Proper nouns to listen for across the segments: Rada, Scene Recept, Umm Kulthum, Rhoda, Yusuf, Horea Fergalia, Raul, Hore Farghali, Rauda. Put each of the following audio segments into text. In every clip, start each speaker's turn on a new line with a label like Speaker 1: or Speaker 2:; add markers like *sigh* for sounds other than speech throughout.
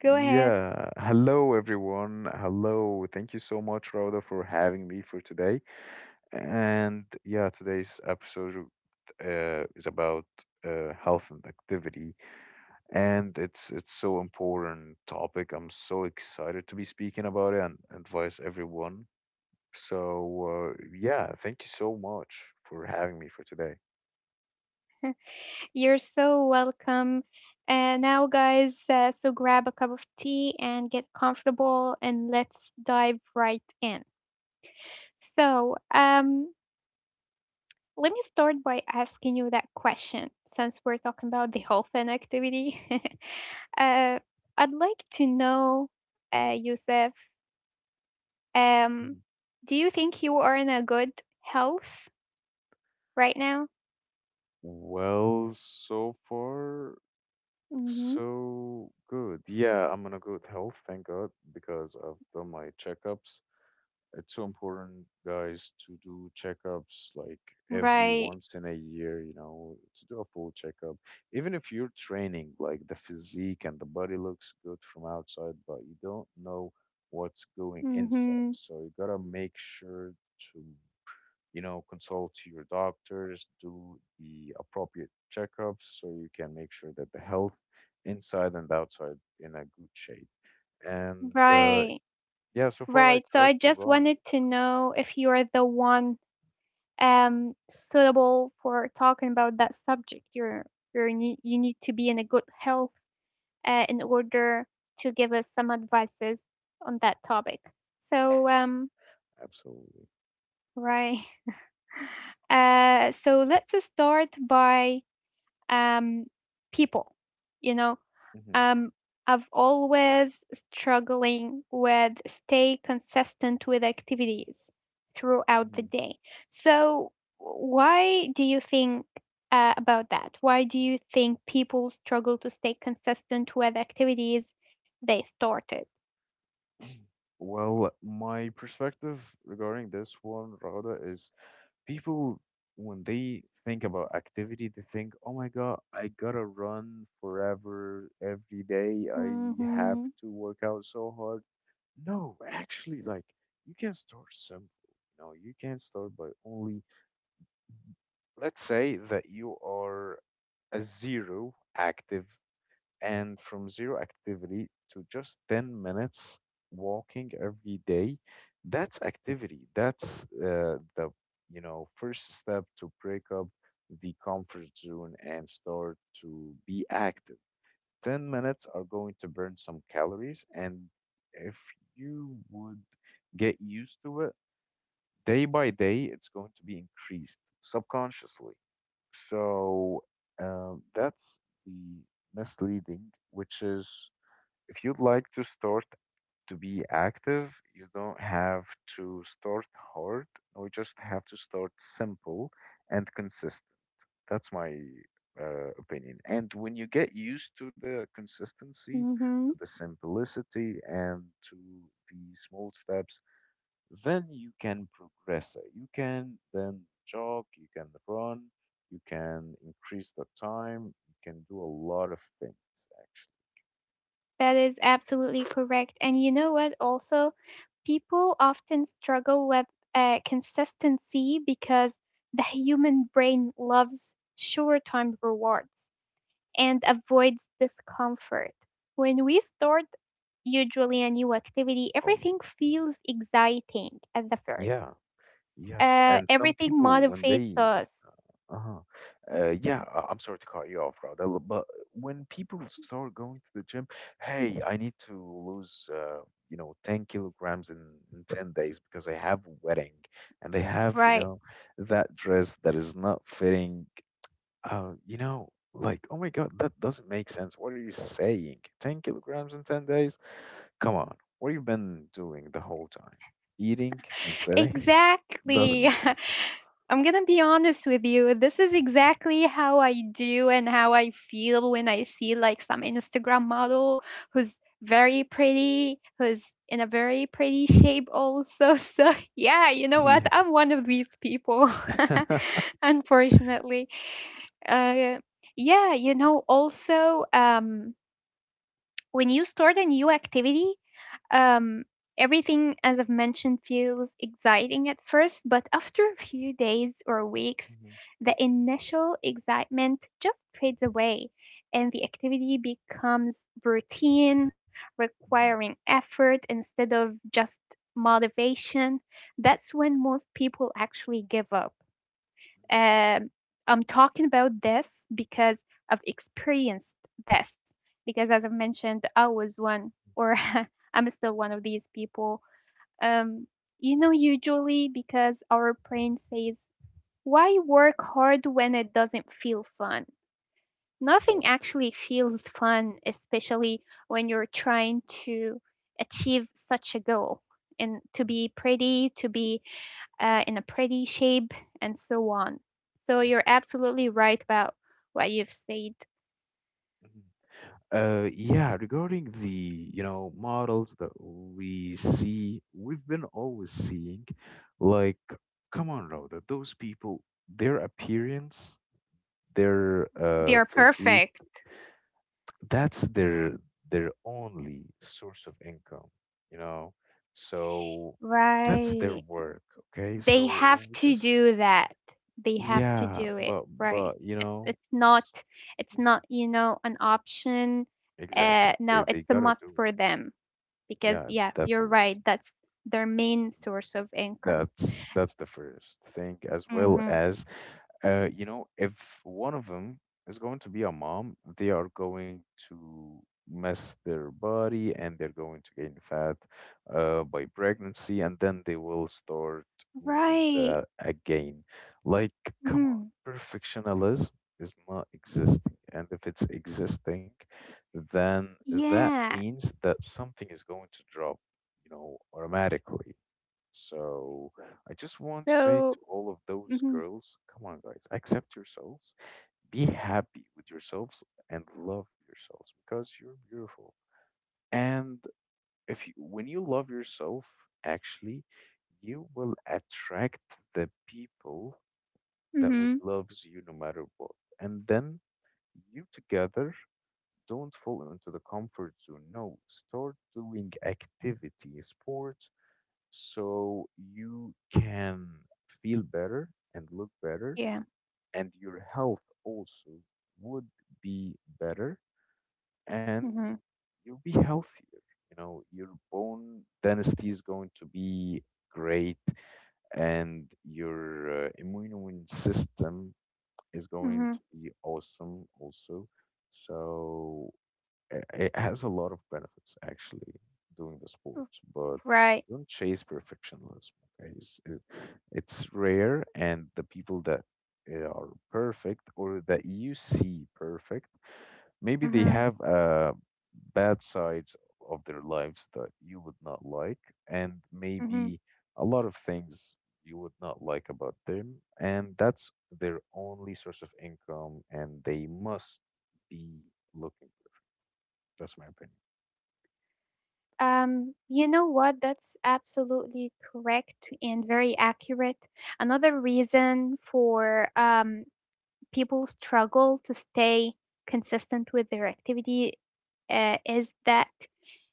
Speaker 1: Go ahead.
Speaker 2: Yeah. Hello, everyone. Hello. Thank you so much, Rhoda, for having me for today. And yeah, today's episode is about health and activity, and it's so important topic. I'm so excited to be speaking about it and advise everyone. So yeah, thank you so much for having me for today.
Speaker 1: You're so welcome. And now, guys, so grab a cup of tea and get comfortable, and let's dive right in. So, um, Let me start by asking you that question since we're talking about the *laughs* whole fan activity. *laughs* uh, I'd like to know, Yusuf, um,
Speaker 2: Mhm.
Speaker 1: do you think you are in a good health right now?
Speaker 2: Well, so far.
Speaker 1: Mm-hmm.
Speaker 2: So good. Yeah, I'm in a good health, thank God, because I've done my checkups. It's so important, guys, to do checkups like every
Speaker 1: Right.
Speaker 2: once in a year, you know, to do a full checkup. Even if you're training, like the physique and the body looks good from outside, but you don't know what's going inside.
Speaker 1: Mm-hmm.
Speaker 2: So you gotta make sure to, you know, consult your doctors, do the appropriate checkups so you can make sure that the health inside and outside in a good shape. And
Speaker 1: Right.
Speaker 2: yeah, so far I
Speaker 1: Right. So
Speaker 2: try
Speaker 1: I
Speaker 2: to
Speaker 1: just
Speaker 2: run.
Speaker 1: wanted to know if you are the one suitable for talking about that subject. You need to be in a good health in order to give us some advices on that topic. So, um,
Speaker 2: Absolutely.
Speaker 1: right. *laughs* So let's start by um, people. You know,
Speaker 2: hmm
Speaker 1: um, I've always struggling with stay consistent with activities throughout the
Speaker 2: hmm
Speaker 1: day. So, why do you think about that? Why do you think people struggle to stay consistent with activities they started?
Speaker 2: Well, my perspective regarding this one, Rada, is people when they think about activity, they think, "Oh my God, I gotta run forever every day. I
Speaker 1: Mm-hmm.
Speaker 2: have to work out so hard." No, actually, like you can start simple. You know, you can start by only, let's say that you are a zero active, and from zero activity to just 10 minutes walking every day, that's activity. That's you know, first step to break up the comfort zone and start to be active. 10 minutes are going to burn some calories. And if you would get used to it day by day, it's going to be increased subconsciously. So that's the misleading, which is if you'd like to start to be active, you don't have to start hard. No, you just have to start simple and consistent. That's my opinion. And when you get used to the consistency, to
Speaker 1: Mm-hmm.
Speaker 2: the simplicity, and to the small steps, then you can progress it. You can then jog, you can run, you can increase the time, you can do a lot of things actually.
Speaker 1: That is absolutely correct. And you know what, also, people often struggle with consistency because the human brain loves short term rewards and avoids discomfort. When we start usually a new activity,
Speaker 2: Oh my
Speaker 1: everything
Speaker 2: God. Mhm.
Speaker 1: feels exciting at the first.
Speaker 2: Yeah, yes. And some
Speaker 1: Everything
Speaker 2: people, when
Speaker 1: motivates
Speaker 2: they
Speaker 1: us,
Speaker 2: Uh-huh. Yeah, I'm sorry to cut you off, Raul, but when people start going to the gym, hey, I need to lose, you know, 10 kilograms in 10 days because I have a wedding and they have, you
Speaker 1: right? *laughs*
Speaker 2: know, that dress that is not fitting. You know, like, oh my God, that doesn't make sense. What are you saying? 10 kilograms in 10 days? Come on, what have you been doing the whole time? Eating and sitting? *laughs* Doesn't
Speaker 1: Exactly.
Speaker 2: make sense.
Speaker 1: *laughs* I'm gonna be honest with you. This is exactly how I do and how I feel when I see like some Instagram model who's very pretty, who's in a very pretty shape also. *laughs* So yeah, you know what?
Speaker 2: Yeah.
Speaker 1: I'm one of these people,
Speaker 2: *laughs*
Speaker 1: *laughs* unfortunately. Uh, yeah, you know, also, when you start a new activity, um, everything, as I've mentioned, feels exciting at first, but after a few days or weeks,
Speaker 2: Mhm,
Speaker 1: the initial excitement just fades away and the activity becomes routine,
Speaker 2: mhm,
Speaker 1: requiring effort instead of just motivation. That's when most people actually give up.
Speaker 2: mhm.
Speaker 1: Um, I'm talking about this because I've experienced this. Because as I've mentioned, I was one, or *laughs* I'm still one of these people. Um, you know, usually because our brain says, why work hard when it doesn't feel fun? Nothing
Speaker 2: Oh.
Speaker 1: actually feels fun, especially when you're trying to achieve such a goal and to be pretty, to be in a pretty shape, and so on. So
Speaker 2: mhm,
Speaker 1: you're absolutely right about what you've said.
Speaker 2: mhm. Yeah, regarding you know, models that we see, we've been always seeing, like, come on, Rhoda, those people, their appearance, their
Speaker 1: They're
Speaker 2: physique,
Speaker 1: perfect.
Speaker 2: that's their only source of income, you know, so that's their
Speaker 1: Right.
Speaker 2: work, okay,
Speaker 1: They
Speaker 2: so
Speaker 1: have
Speaker 2: we
Speaker 1: to
Speaker 2: just
Speaker 1: do that. They have to
Speaker 2: yeah
Speaker 1: do it. Right.
Speaker 2: but you
Speaker 1: It's
Speaker 2: know
Speaker 1: it's not
Speaker 2: s-
Speaker 1: it's
Speaker 2: Mhm.
Speaker 1: not, you know, an option.
Speaker 2: Exactly, they
Speaker 1: No,
Speaker 2: they
Speaker 1: it's a
Speaker 2: gotta
Speaker 1: must
Speaker 2: do it.
Speaker 1: for them because
Speaker 2: Yeah,
Speaker 1: yeah,
Speaker 2: that's a
Speaker 1: you're
Speaker 2: must.
Speaker 1: right. That's their main source of income.
Speaker 2: That's the first thing, as well
Speaker 1: Mhm.
Speaker 2: as you know, if one of them is going to be a mom, they are going to mess their body and they're going to gain fat by pregnancy, and then they will start losing
Speaker 1: Right.
Speaker 2: that again. Like, come
Speaker 1: Mhm.
Speaker 2: on, perfectionism is not existing, and if it's existing, then that
Speaker 1: Yeah.
Speaker 2: means that something is going to drop, you know, automatically. So I just want to say
Speaker 1: So,
Speaker 2: to all of those
Speaker 1: mhm.
Speaker 2: girls, come on, guys, accept yourselves, be happy with yourselves, and love yourselves because you're beautiful. And if you, when you love yourself, actually, you will attract the people that would
Speaker 1: Mhm.
Speaker 2: loves you no matter what. And then you together don't fall into the comfort zone. No, start doing activity, sports so you can feel better and look better,
Speaker 1: Yeah.
Speaker 2: and your health also would be better, and
Speaker 1: Mhm,
Speaker 2: you'll be healthier. You know, your bone density is going to be great, and your immune system is going
Speaker 1: mhm.
Speaker 2: to be awesome also. So it has a lot of benefits actually doing the sport,
Speaker 1: R
Speaker 2: but
Speaker 1: right.
Speaker 2: don't chase perfectionism. Okay, it's rare, and the people that are perfect or that you see perfect, maybe they
Speaker 1: Mhm,
Speaker 2: have bad sides of their lives that you would not like, and
Speaker 1: mhm.
Speaker 2: maybe a lot of things you would not like about them, and that's their only source of income, and they must be looking. That's my opinion.
Speaker 1: You know what? That's absolutely correct and very accurate. Another reason for people struggle to stay consistent with their activity is that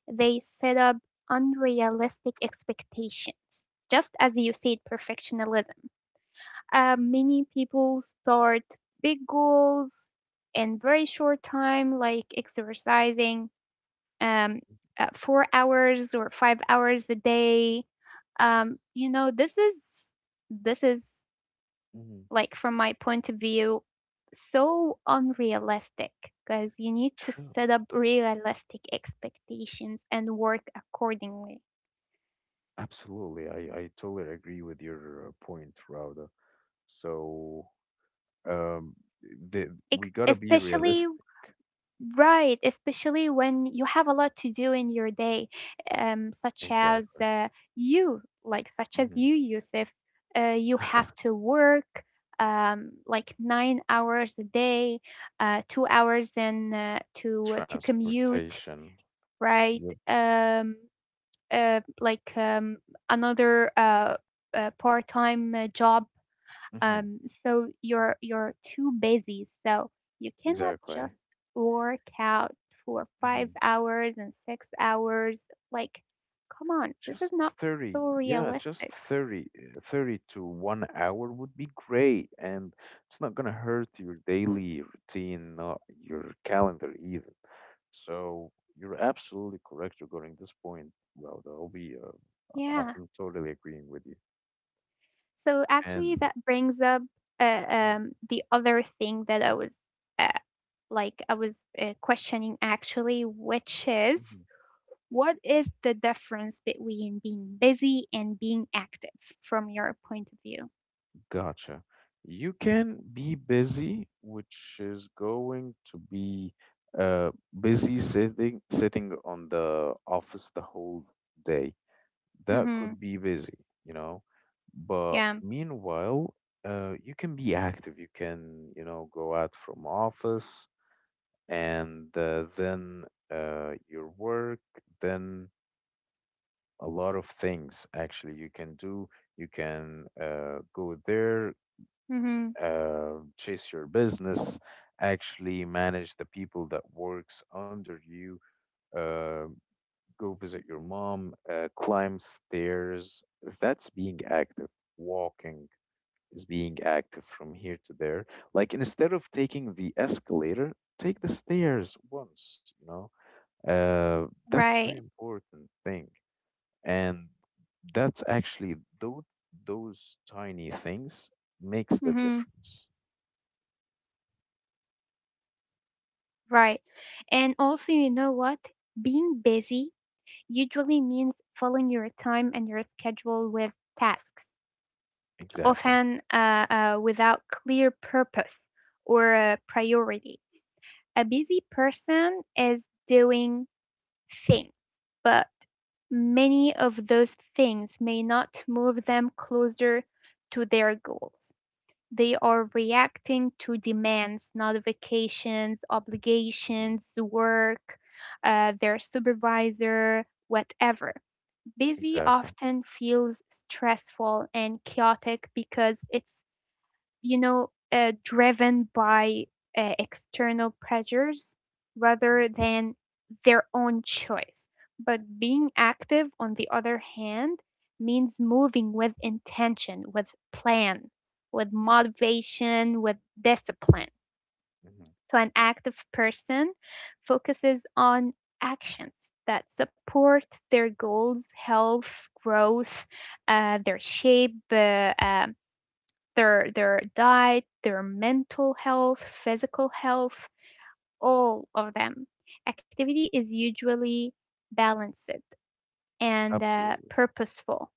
Speaker 1: they set up unrealistic expectations, just as you said, perfectionism. Many people start big goals in very short time, like exercising um, 4 hours or 5 hours a day. You know, this is
Speaker 2: hmm
Speaker 1: like from my point of view, so unrealistic because you need to
Speaker 2: True.
Speaker 1: set up realistic expectations and work accordingly.
Speaker 2: Absolutely. I totally agree with your point, Rauda. So, um,
Speaker 1: Ex-
Speaker 2: we gotta be
Speaker 1: especially
Speaker 2: realistic.
Speaker 1: Right, especially when you have a lot to do in your day, um, such as
Speaker 2: Exactly.
Speaker 1: uh, you, like such as
Speaker 2: hmm
Speaker 1: you, Yusuf, you
Speaker 2: *laughs*
Speaker 1: have to work like 9 hours a day, 2 hours in to commute,
Speaker 2: Transportation.
Speaker 1: right?
Speaker 2: Yep.
Speaker 1: Uh, like um, another part-time job
Speaker 2: hmm
Speaker 1: um, so you're too busy. So you cannot
Speaker 2: Exactly.
Speaker 1: just work out for 5 hours and 6 hours. Like, come on, this is
Speaker 2: Just
Speaker 1: not
Speaker 2: 30.
Speaker 1: so
Speaker 2: Yeah, just
Speaker 1: realistic.
Speaker 2: 30. 30 to 1 hour would be great. And it's not going to hurt your daily routine, not your calendar even. So you're absolutely correct regarding this point, Rauda.
Speaker 1: Yeah.
Speaker 2: I'm totally agreeing with you.
Speaker 1: So actually,
Speaker 2: And
Speaker 1: that brings up
Speaker 2: *laughs*
Speaker 1: the other thing that I was uh, like I was uh, questioning actually, which is
Speaker 2: Mhm.
Speaker 1: what is the difference between being busy and being active from your point of view?
Speaker 2: Gotcha. You can be busy, which is going to be uh busy sitting on the office the whole day, that
Speaker 1: Mm-hmm.
Speaker 2: could be busy, you know. But
Speaker 1: Yeah.
Speaker 2: meanwhile, you can be active. You can, you know, go out from office and then your work, then a lot of things actually you can do. You can go there,
Speaker 1: Mhm.
Speaker 2: chase your business, actually manage the people that works under you, uh, go visit your mom, climb stairs. That's being active. Walking is being active from here to there. Like instead of taking the escalator, take the stairs once, you know? That's
Speaker 1: Right.
Speaker 2: very important thing. And that's actually those tiny things makes the
Speaker 1: Mhm.
Speaker 2: difference.
Speaker 1: Right. And also, you know what? Being busy usually means filling your time and your schedule with tasks,
Speaker 2: Exactly.
Speaker 1: often without clear purpose or priority. A busy person is doing things, but many of those things may not move them closer to their goals. They are reacting to demands, notifications,
Speaker 2: Mhm.
Speaker 1: obligations, work, their supervisor, whatever. Busy
Speaker 2: Exactly.
Speaker 1: often feels stressful and chaotic because it's you know, driven by external pressures rather
Speaker 2: Mhm.
Speaker 1: than their own choice. But being active, on the other hand, means moving with intention, with plan, with
Speaker 2: Mhm.
Speaker 1: motivation, with discipline.
Speaker 2: Mhm.
Speaker 1: So, an active person focuses on actions that support their goals, health, growth, their shape, their diet, their mental health, physical health, all of them. Activity is usually balanced and
Speaker 2: Absolutely.
Speaker 1: purposeful.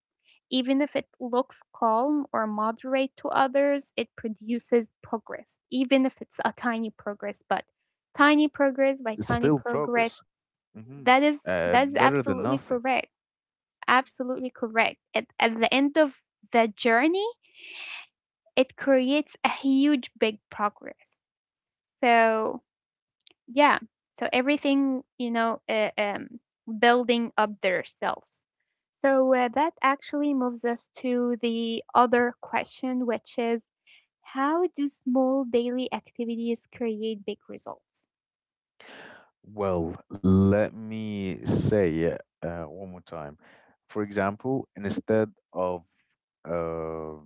Speaker 1: Even if it looks calm or moderate to others, it produces progress, even if it's a tiny progress. But tiny progress by
Speaker 2: It's
Speaker 1: tiny
Speaker 2: still
Speaker 1: progress,
Speaker 2: progress. hmm
Speaker 1: that is that is
Speaker 2: Better than
Speaker 1: absolutely
Speaker 2: nothing.
Speaker 1: correct. Absolutely correct. At the end of the journey, it creates a huge big progress. So yeah, so everything you know, building up their selves. So that actually moves us to the other question, which is how do small daily activities create big results?
Speaker 2: Well, let me say it one more time. For example, instead of uh,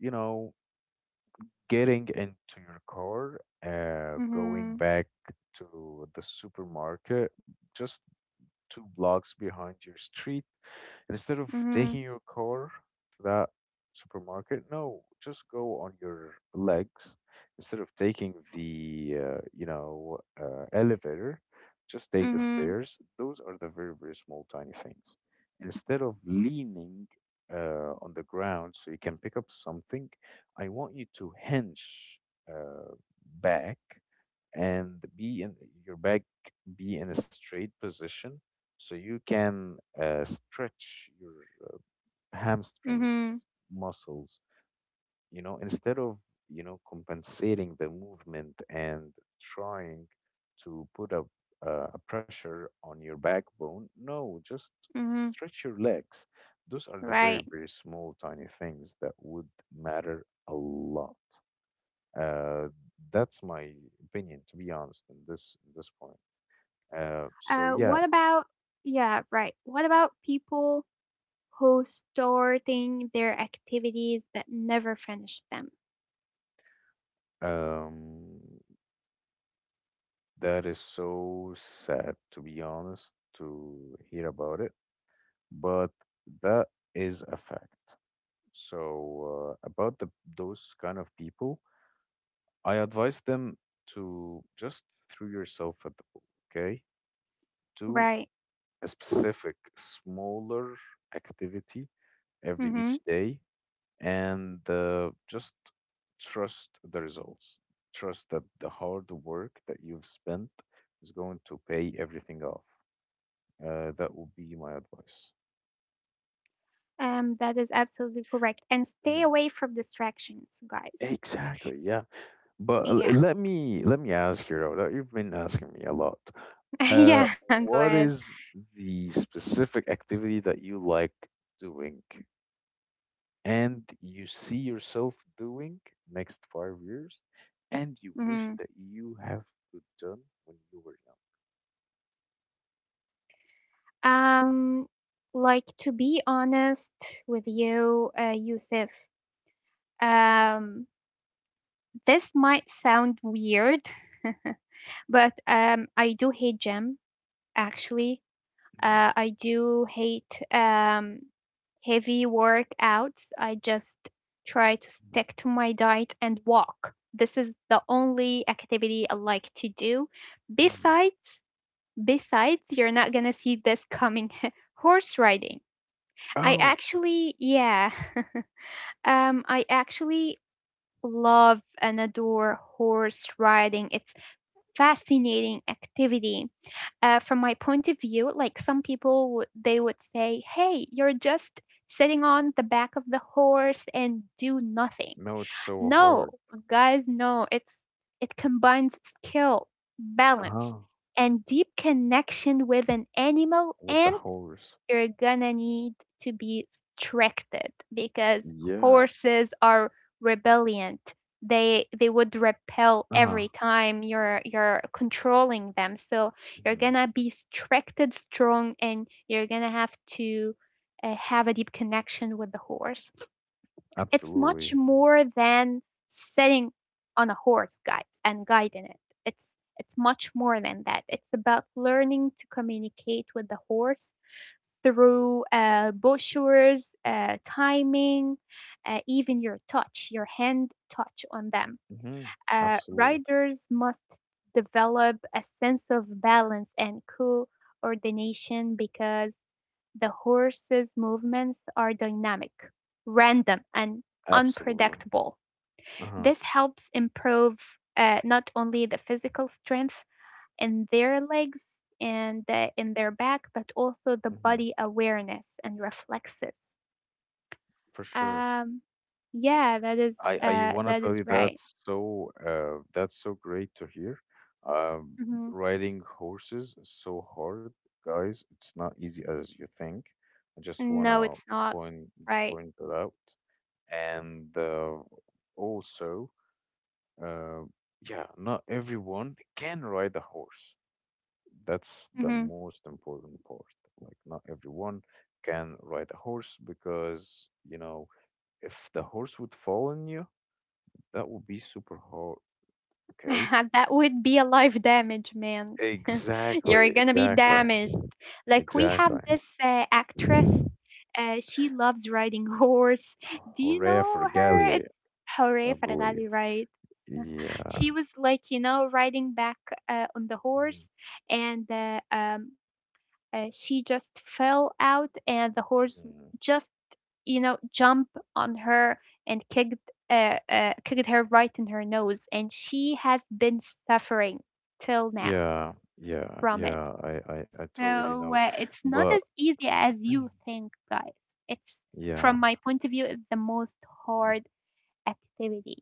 Speaker 2: you know getting into your car, going
Speaker 1: Mm-hmm.
Speaker 2: back to the supermarket, just two blocks behind your street. And instead of
Speaker 1: Mm-hmm.
Speaker 2: taking your car to that supermarket, no, just go on your legs. Instead of taking the you know elevator, just take the
Speaker 1: Mm-hmm.
Speaker 2: stairs. Those are the very very small tiny things. Instead of leaning on the ground so you can pick up something, I want you to hinge uh, back and be in your back be in a straight position so you can stretch your
Speaker 1: Mm-hmm.
Speaker 2: hamstrings muscles, you know, instead of, you know, compensating the movement and trying to put a pressure on your backbone, no, just
Speaker 1: Mm-hmm.
Speaker 2: stretch your legs. Those are the very
Speaker 1: Right.
Speaker 2: very small tiny things that would matter a lot. uh, that's my opinion to be honest in this point. So
Speaker 1: Uh,
Speaker 2: yeah,
Speaker 1: what about yeah, right. What about people who starting their activities but never finish them?
Speaker 2: um, that is so sad to be honest to hear about it, but that is a fact. So about the those kind of people, I advise them to just throw yourself at the pool, okay? Do
Speaker 1: Right.
Speaker 2: a specific smaller activity every each
Speaker 1: Mhm.
Speaker 2: day and just trust the results. Trust that the hard work that you've spent is going to pay everything off. That would be my advice.
Speaker 1: That is absolutely correct. And stay
Speaker 2: Mhm.
Speaker 1: away from distractions, guys.
Speaker 2: Exactly. Yeah. But
Speaker 1: Yeah.
Speaker 2: let me ask you though, that you've been asking me a lot.
Speaker 1: *laughs* yeah, go
Speaker 2: What
Speaker 1: ahead.
Speaker 2: is the specific activity that you like doing? And you see yourself doing next 5 years and you wish
Speaker 1: Mhm.
Speaker 2: that you have good done when you were
Speaker 1: Um, like to be honest with you, Yusuf, um, this might sound weird, *laughs* but I do hate gym actually.
Speaker 2: young.
Speaker 1: I do hate heavy workouts. I just try to stick to my diet and walk. This is the only activity I like to do.
Speaker 2: hmm hmm hmm
Speaker 1: Besides, besides, you're not gonna see this coming. *laughs* Horse riding. I
Speaker 2: Oh,
Speaker 1: actually, yeah, *laughs* I actually love and adore horse riding. It's fascinating activity from my point of view, like some people would they would say, "Hey, you're just sitting on the back of the horse and do nothing."
Speaker 2: no, it's so
Speaker 1: No,
Speaker 2: hard.
Speaker 1: guys, no. It's it combines skill, balance,
Speaker 2: Uh-huh.
Speaker 1: and deep connection with an animal
Speaker 2: With the
Speaker 1: and
Speaker 2: horse.
Speaker 1: you're gonna need to be restricted because
Speaker 2: Yeah.
Speaker 1: horses are rebelliant. They would repel
Speaker 2: Uh-huh.
Speaker 1: every time you're controlling them. So you're
Speaker 2: hmm
Speaker 1: gonna be restricted, strong, and you're gonna have to have a deep connection with the horse. It's much
Speaker 2: Absolutely.
Speaker 1: more than sitting on a horse, guys, and guiding it. It's it's much more than that. It's about learning to communicate with the horse through postures, timing, even your touch, your hand touch on them.
Speaker 2: hmm Absolutely.
Speaker 1: Riders must develop a sense of balance and coordination because the horse's movements are dynamic, random, and
Speaker 2: Absolutely.
Speaker 1: unpredictable.
Speaker 2: Uh-huh.
Speaker 1: This helps improve not only the physical strength in their legs and in their back, but also the
Speaker 2: hmm
Speaker 1: body awareness and reflexes.
Speaker 2: For sure.
Speaker 1: Um, yeah,
Speaker 2: I want to
Speaker 1: that
Speaker 2: tell
Speaker 1: is
Speaker 2: you
Speaker 1: right.
Speaker 2: that's so great to hear. Um,
Speaker 1: hmm
Speaker 2: riding horses is so hard, guys. It's not easy as you think. I just want
Speaker 1: No,
Speaker 2: to
Speaker 1: it's not
Speaker 2: point
Speaker 1: right.
Speaker 2: point that out. And also, uh, yeah, not everyone can ride a horse. That's the
Speaker 1: hmm
Speaker 2: most important part. Like, not everyone can ride a horse because, you know, if the horse would fall on you, that would be super hot. Okay.
Speaker 1: *laughs* That would be a life damage, man. *laughs*
Speaker 2: Exactly,
Speaker 1: You're gonna be
Speaker 2: exactly,
Speaker 1: damaged. Like we have
Speaker 2: exactly.
Speaker 1: this actress. She loves riding *laughs* horse. Do you
Speaker 2: Horea
Speaker 1: know her? It's
Speaker 2: Fergalia,
Speaker 1: Hore
Speaker 2: I believe.
Speaker 1: Farghali, right? She
Speaker 2: Yeah.
Speaker 1: was like, you know, riding back on the horse,
Speaker 2: Mhm,
Speaker 1: and she just fell out, and the horse
Speaker 2: mhm.
Speaker 1: just, you know, jumped on her and kicked, kicked her right in her nose, and she has been suffering till now
Speaker 2: Yeah, yeah,
Speaker 1: from it.
Speaker 2: yeah. I totally
Speaker 1: So
Speaker 2: know,
Speaker 1: it's not
Speaker 2: but
Speaker 1: as easy as you think, guys. It's
Speaker 2: yeah,
Speaker 1: from my point of view, it's the most hard activity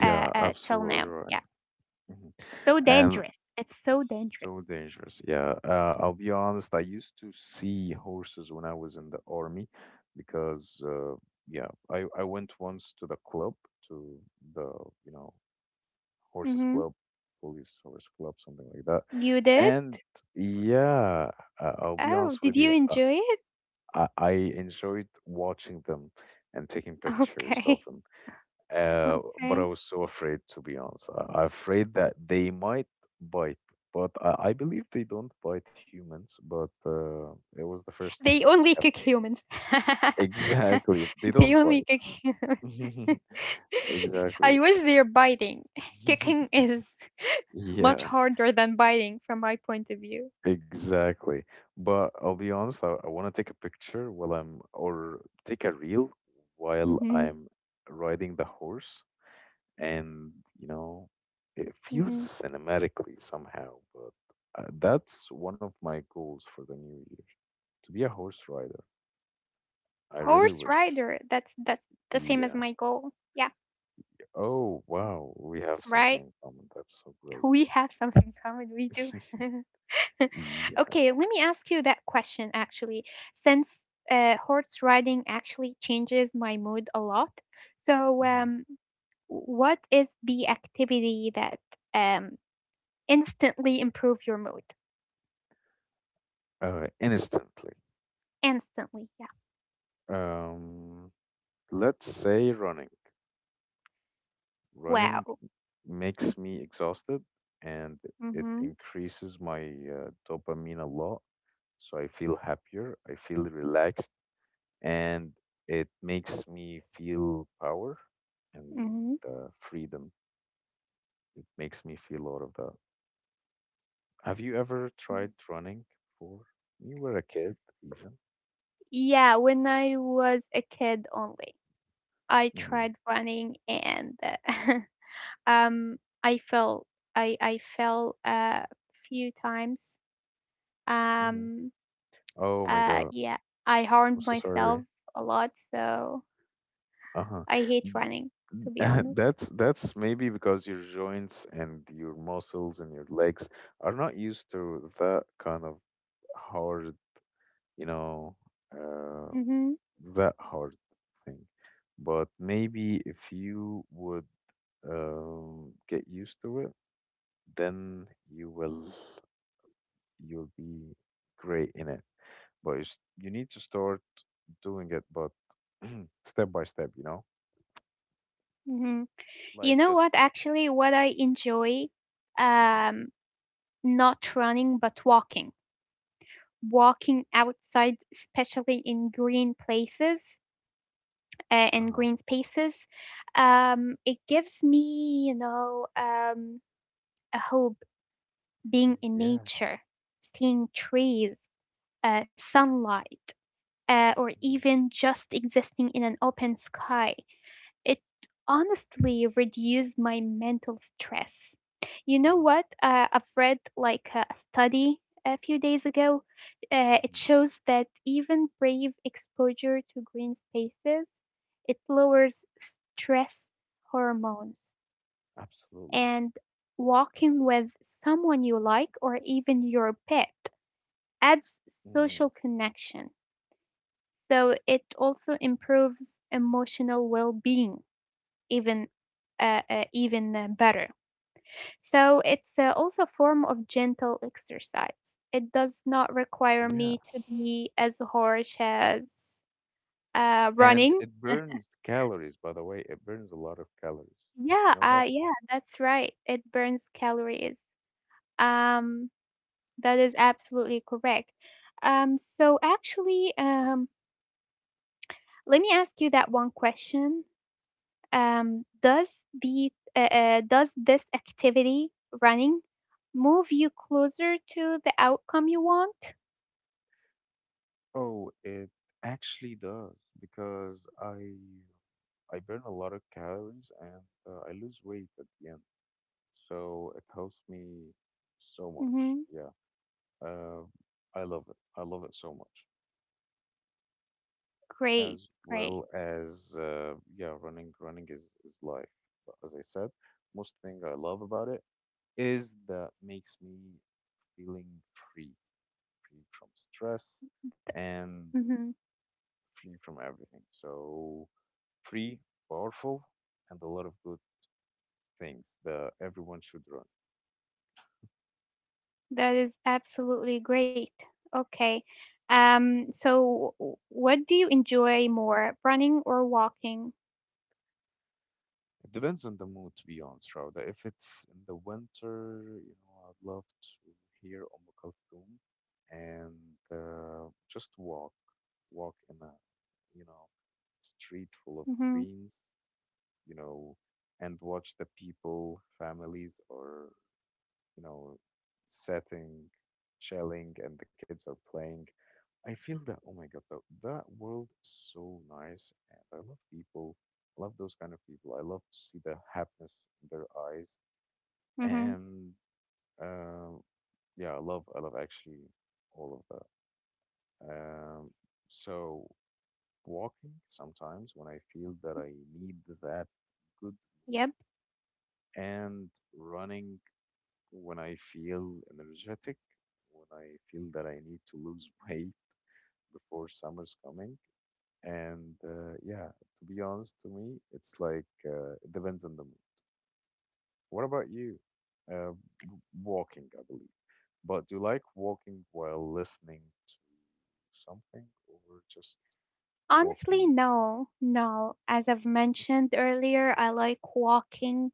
Speaker 1: till
Speaker 2: absolutely
Speaker 1: now.
Speaker 2: right. Mhm.
Speaker 1: So
Speaker 2: And
Speaker 1: dangerous. It's so
Speaker 2: so
Speaker 1: dangerous.
Speaker 2: dangerous. Yeah, I'll be honest. I used to see horses when I was in the army because, yeah, I went once to the club, to the, you know, horses
Speaker 1: Mm-hmm.
Speaker 2: club, police horse club, something like that.
Speaker 1: You did?
Speaker 2: And yeah, I'll be
Speaker 1: Oh,
Speaker 2: honest
Speaker 1: did
Speaker 2: with
Speaker 1: you
Speaker 2: you.
Speaker 1: enjoy it?
Speaker 2: I enjoyed watching them and taking pictures of
Speaker 1: Okay. *laughs*
Speaker 2: them. But I
Speaker 1: Okay.
Speaker 2: was so afraid, to be honest. I am afraid that they might bite, but I believe they don't bite humans. But it was the first time
Speaker 1: They only
Speaker 2: ever.
Speaker 1: kick humans.
Speaker 2: Exactly, they
Speaker 1: *laughs* They
Speaker 2: don't
Speaker 1: only
Speaker 2: bite.
Speaker 1: kick humans.
Speaker 2: *laughs*
Speaker 1: *laughs*
Speaker 2: Exactly.
Speaker 1: I wish they're biting. *laughs* Kicking
Speaker 2: *laughs*
Speaker 1: is *laughs* much
Speaker 2: Yeah,
Speaker 1: harder than biting from my point of view.
Speaker 2: exactly. But I'll be honest, I want to take a picture while I'm, or take a reel while
Speaker 1: Mm-hmm.
Speaker 2: I'm riding the horse. And you know it feels
Speaker 1: Mm-hmm.
Speaker 2: cinematically somehow, but that's one of my goals for the new year, to be a horse rider. I really
Speaker 1: Horse
Speaker 2: wish.
Speaker 1: rider. That's the same
Speaker 2: Yeah.
Speaker 1: as my goal. Yeah.
Speaker 2: Oh wow, we have something
Speaker 1: Right.
Speaker 2: in common, that's so great.
Speaker 1: We have something common. We do. *laughs* *laughs*
Speaker 2: *laughs* Yeah.
Speaker 1: Okay, let me ask you that question actually, since, horse riding actually changes my mood a lot. So,
Speaker 2: Mhm.
Speaker 1: um, what is the activity that, um, instantly improve your mood?
Speaker 2: Instantly?
Speaker 1: Instantly, yeah.
Speaker 2: um let's say running. Running
Speaker 1: Wow.
Speaker 2: makes me exhausted, and it
Speaker 1: Mhm.
Speaker 2: increases my dopamine a lot, so I feel happier, I feel relaxed, and it makes me feel power and
Speaker 1: Mhm.
Speaker 2: the freedom. It makes me feel a lot of that. Have you ever tried running before? You were a kid, even.
Speaker 1: Yeah, when I was a kid only, I
Speaker 2: hmm
Speaker 1: tried running and *laughs* um I fell I fell a few times.
Speaker 2: hmm
Speaker 1: Um
Speaker 2: Oh my God,
Speaker 1: Yeah, I
Speaker 2: I'm
Speaker 1: harmed
Speaker 2: so sorry.
Speaker 1: myself a lot, so
Speaker 2: Uh-huh.
Speaker 1: I hate running, to be
Speaker 2: *laughs*
Speaker 1: honest.
Speaker 2: That's maybe because your joints and your muscles and your legs are not used to that kind of hard, you know, uh,
Speaker 1: Mm-hmm.
Speaker 2: that hard thing. But maybe if you would get used to it, then you will, you'll be great in it. But you need to start doing it, but *clears throat* step by step, you know,
Speaker 1: Mm-hmm. You
Speaker 2: like
Speaker 1: know
Speaker 2: just.
Speaker 1: what? Actually, what I enjoy,
Speaker 2: Mhm.
Speaker 1: um, not running but walking, walking outside, especially in green places and
Speaker 2: Uh-huh.
Speaker 1: green spaces. It gives me, you know, a hope being in
Speaker 2: Yeah.
Speaker 1: nature, seeing trees, sunlight. Or
Speaker 2: hmm
Speaker 1: even just existing in an open sky. It honestly reduced my mental stress. You know
Speaker 2: hmm
Speaker 1: what? I've read like a study a few days ago. It
Speaker 2: hmm
Speaker 1: shows that even brave exposure to green spaces, it lowers stress hormones.
Speaker 2: Absolutely.
Speaker 1: And walking with someone you like or even your pet adds
Speaker 2: Mm.
Speaker 1: social connection, so it also improves emotional well-being even even better. So it's also a form of gentle exercise. It does not require
Speaker 2: Yeah,
Speaker 1: me to be as harsh as
Speaker 2: and
Speaker 1: running.
Speaker 2: it burns calories, by the way. It burns a lot of calories.
Speaker 1: Yeah,
Speaker 2: You know that?
Speaker 1: yeah, that's right. It burns calories. Um, that is absolutely correct. So actually, let me ask you that one question. Does the does this activity running move you closer to the outcome you want?
Speaker 2: Oh, it actually does, because I burn a lot of calories and I lose weight at the end. So it helps me so much.
Speaker 1: Hmm.
Speaker 2: Yeah. Uh, I love it. I love it so much.
Speaker 1: Great,
Speaker 2: As
Speaker 1: great.
Speaker 2: well as yeah, running is life. But as I said, most thing I love about it is that makes me feeling free, free from stress, and
Speaker 1: Mm-hmm.
Speaker 2: free from everything. So free, powerful, and a lot of good things, that everyone should run.
Speaker 1: That is absolutely great. Okay. So what do you enjoy more, running or walking?
Speaker 2: It depends on the mood, to be honest, Rauda. If it's in the winter, you know, I'd love to hear Kulthum and just walk, walk in a, you know, street full of
Speaker 1: Mm-hmm.
Speaker 2: greens, you know, and watch the people, families, or you know, sitting, chilling, and the kids are playing. I feel that, oh my God, that world is so nice. And I love people. I love those kind of people. I love to see the happiness in their eyes.
Speaker 1: Mm-hmm.
Speaker 2: And uh, yeah, I love actually all of that. So walking sometimes when I feel that I need that good mood,
Speaker 1: Yep.
Speaker 2: and running when I feel energetic, when I feel that I need to lose *laughs* weight before summer's coming. And yeah, to be honest to me, it's like it depends on the mood. What about you? Uh, Walking, I believe. But do you like walking while listening to something, or just walking?
Speaker 1: Honestly, no, no. As I've mentioned earlier, I like walking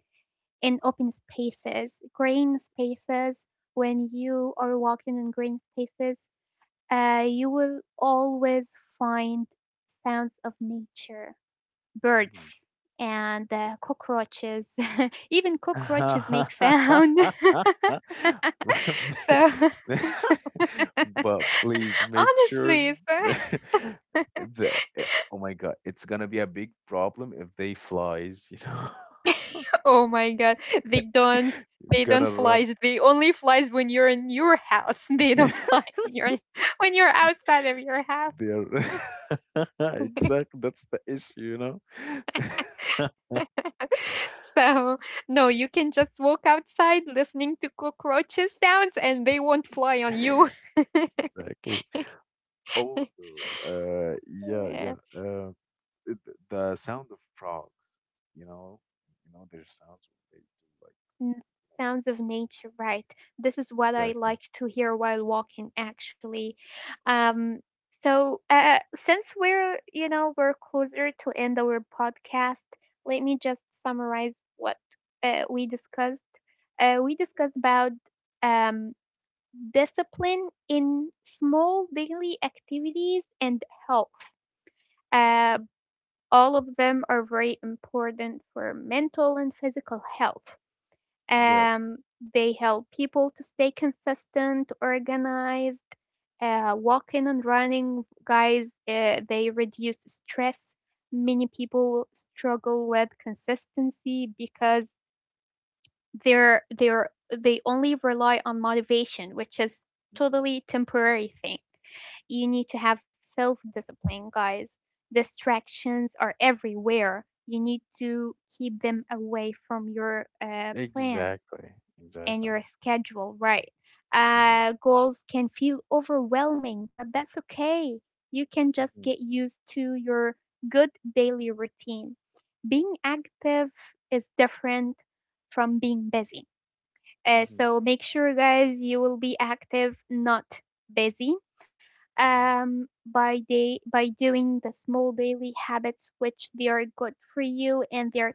Speaker 1: in open spaces, green spaces. When you are walking in green spaces, you will always find sounds of nature,
Speaker 2: Mm-hmm.
Speaker 1: birds, and cockroaches. *laughs* Even cockroaches make sound. *laughs* So,
Speaker 2: *laughs* But
Speaker 1: *laughs*
Speaker 2: please make sure
Speaker 1: honestly.
Speaker 2: *laughs*
Speaker 1: So
Speaker 2: that, that eh, oh my God, it's gonna be a big problem if they flies, you know.
Speaker 1: *laughs* oh my god. They don't
Speaker 2: *laughs* You're
Speaker 1: they don't
Speaker 2: gonna run.
Speaker 1: flies. They only flies when you're in your house. *laughs* They don't fly
Speaker 2: *laughs*
Speaker 1: when you're *laughs* when you're outside of your house.
Speaker 2: They're *laughs* exactly, that's the issue, you know. *laughs*
Speaker 1: *laughs* So no, you can just walk outside listening to cockroaches sounds and they won't fly on you.
Speaker 2: Exactly. Also, yeah, yeah.
Speaker 1: *laughs*
Speaker 2: The sound of frogs, you know, you know their sounds when they do like,
Speaker 1: N-
Speaker 2: uh,
Speaker 1: Sounds of nature, right? This is what I
Speaker 2: exactly.
Speaker 1: like to hear while walking, actually. Um, so since we're, you know, we're closer to end our podcast, let me just summarize what we discussed. We discussed about um, discipline in small daily activities and health. Uh, all of them are very important for mental and physical health.
Speaker 2: Yeah.
Speaker 1: Um, they help people to stay consistent, organized, walking and running. Guys, they reduce stress. Many people struggle with consistency because they're they only rely on motivation, which is
Speaker 2: Mhm.
Speaker 1: totally temporary thing. You need to have self discipline, guys. Distractions are everywhere. You need to keep them away from your plan
Speaker 2: Exactly.
Speaker 1: and
Speaker 2: Exactly.
Speaker 1: your schedule, right?
Speaker 2: hmm
Speaker 1: Goals can feel overwhelming, but that's okay. You can just
Speaker 2: hmm
Speaker 1: get used to your good daily routine. Being active is different from being busy. Uh,
Speaker 2: hmm
Speaker 1: so make sure, guys, you will be active, not busy.
Speaker 2: hmm
Speaker 1: By day by doing the small daily habits which they are good for you and they are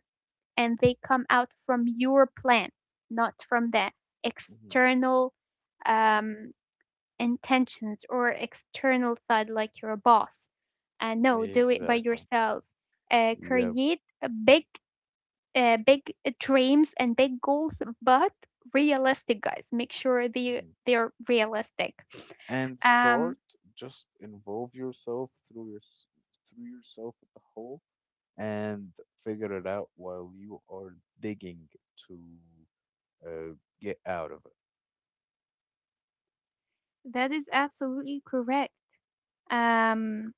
Speaker 1: and they come out from your plan, not from the
Speaker 2: hmm
Speaker 1: external um, intentions or external side like your boss. No, do it by
Speaker 2: Exactly.
Speaker 1: yourself.
Speaker 2: Yep.
Speaker 1: Create a big, big dreams and big goals, but realistic, guys. Make sure they
Speaker 2: hmm
Speaker 1: they are realistic.
Speaker 2: And
Speaker 1: Um,
Speaker 2: start, just involve yourself through through yourself at the hole, and figure it out while you are digging to uh, get out of it.
Speaker 1: That is absolutely correct. Um,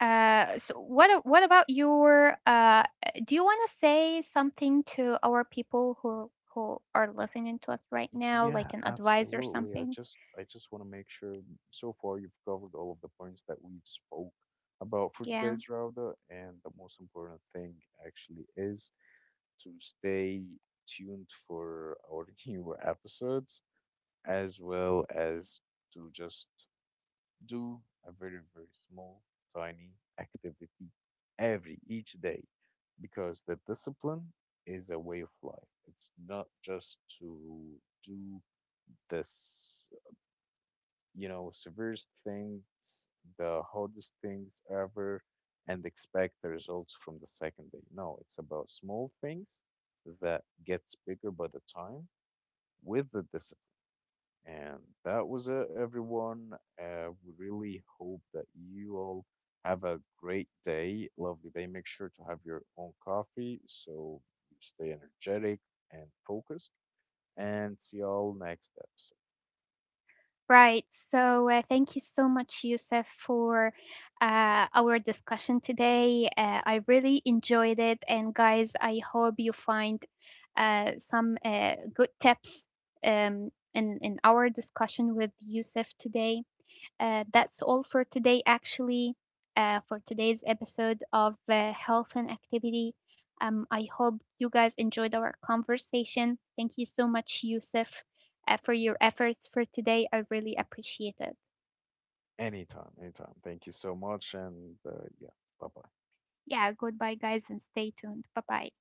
Speaker 1: so what about your do you want to say something to our people who are listening to us right now
Speaker 2: Yeah,
Speaker 1: like an advice or
Speaker 2: absolutely. I
Speaker 1: something?
Speaker 2: just I just want to make sure, so far you've covered all of the points that we've spoke about for
Speaker 1: Yeah,
Speaker 2: today's, Rauda, and the most important thing actually is to stay tuned for our *laughs* new episodes, as well as to just do a very, very small, tiny activity every each day, because the discipline is a way of life. It's not just to do the, you know, severest things, the hardest things ever, and expect the results from the second day. No, it's about small things that gets bigger by the time with the discipline. And that was it, everyone. We really hope that you all have a great day, lovely day. Make sure to have your own coffee, so you stay energetic and focused. And see y'all next episode.
Speaker 1: right. So thank you so much, Yusuf, for our discussion today. I really enjoyed it, and guys, I hope you find some good tips in our discussion with Yusuf today. That's all for today, actually, for today's episode of Health and Activity. I hope you guys enjoyed our conversation. Thank you so much, Yusuf, for your efforts for today. I really appreciate it.
Speaker 2: Anytime, anytime. Thank you so much, and yeah, bye bye.
Speaker 1: Yeah, goodbye, guys, and stay tuned. Bye bye.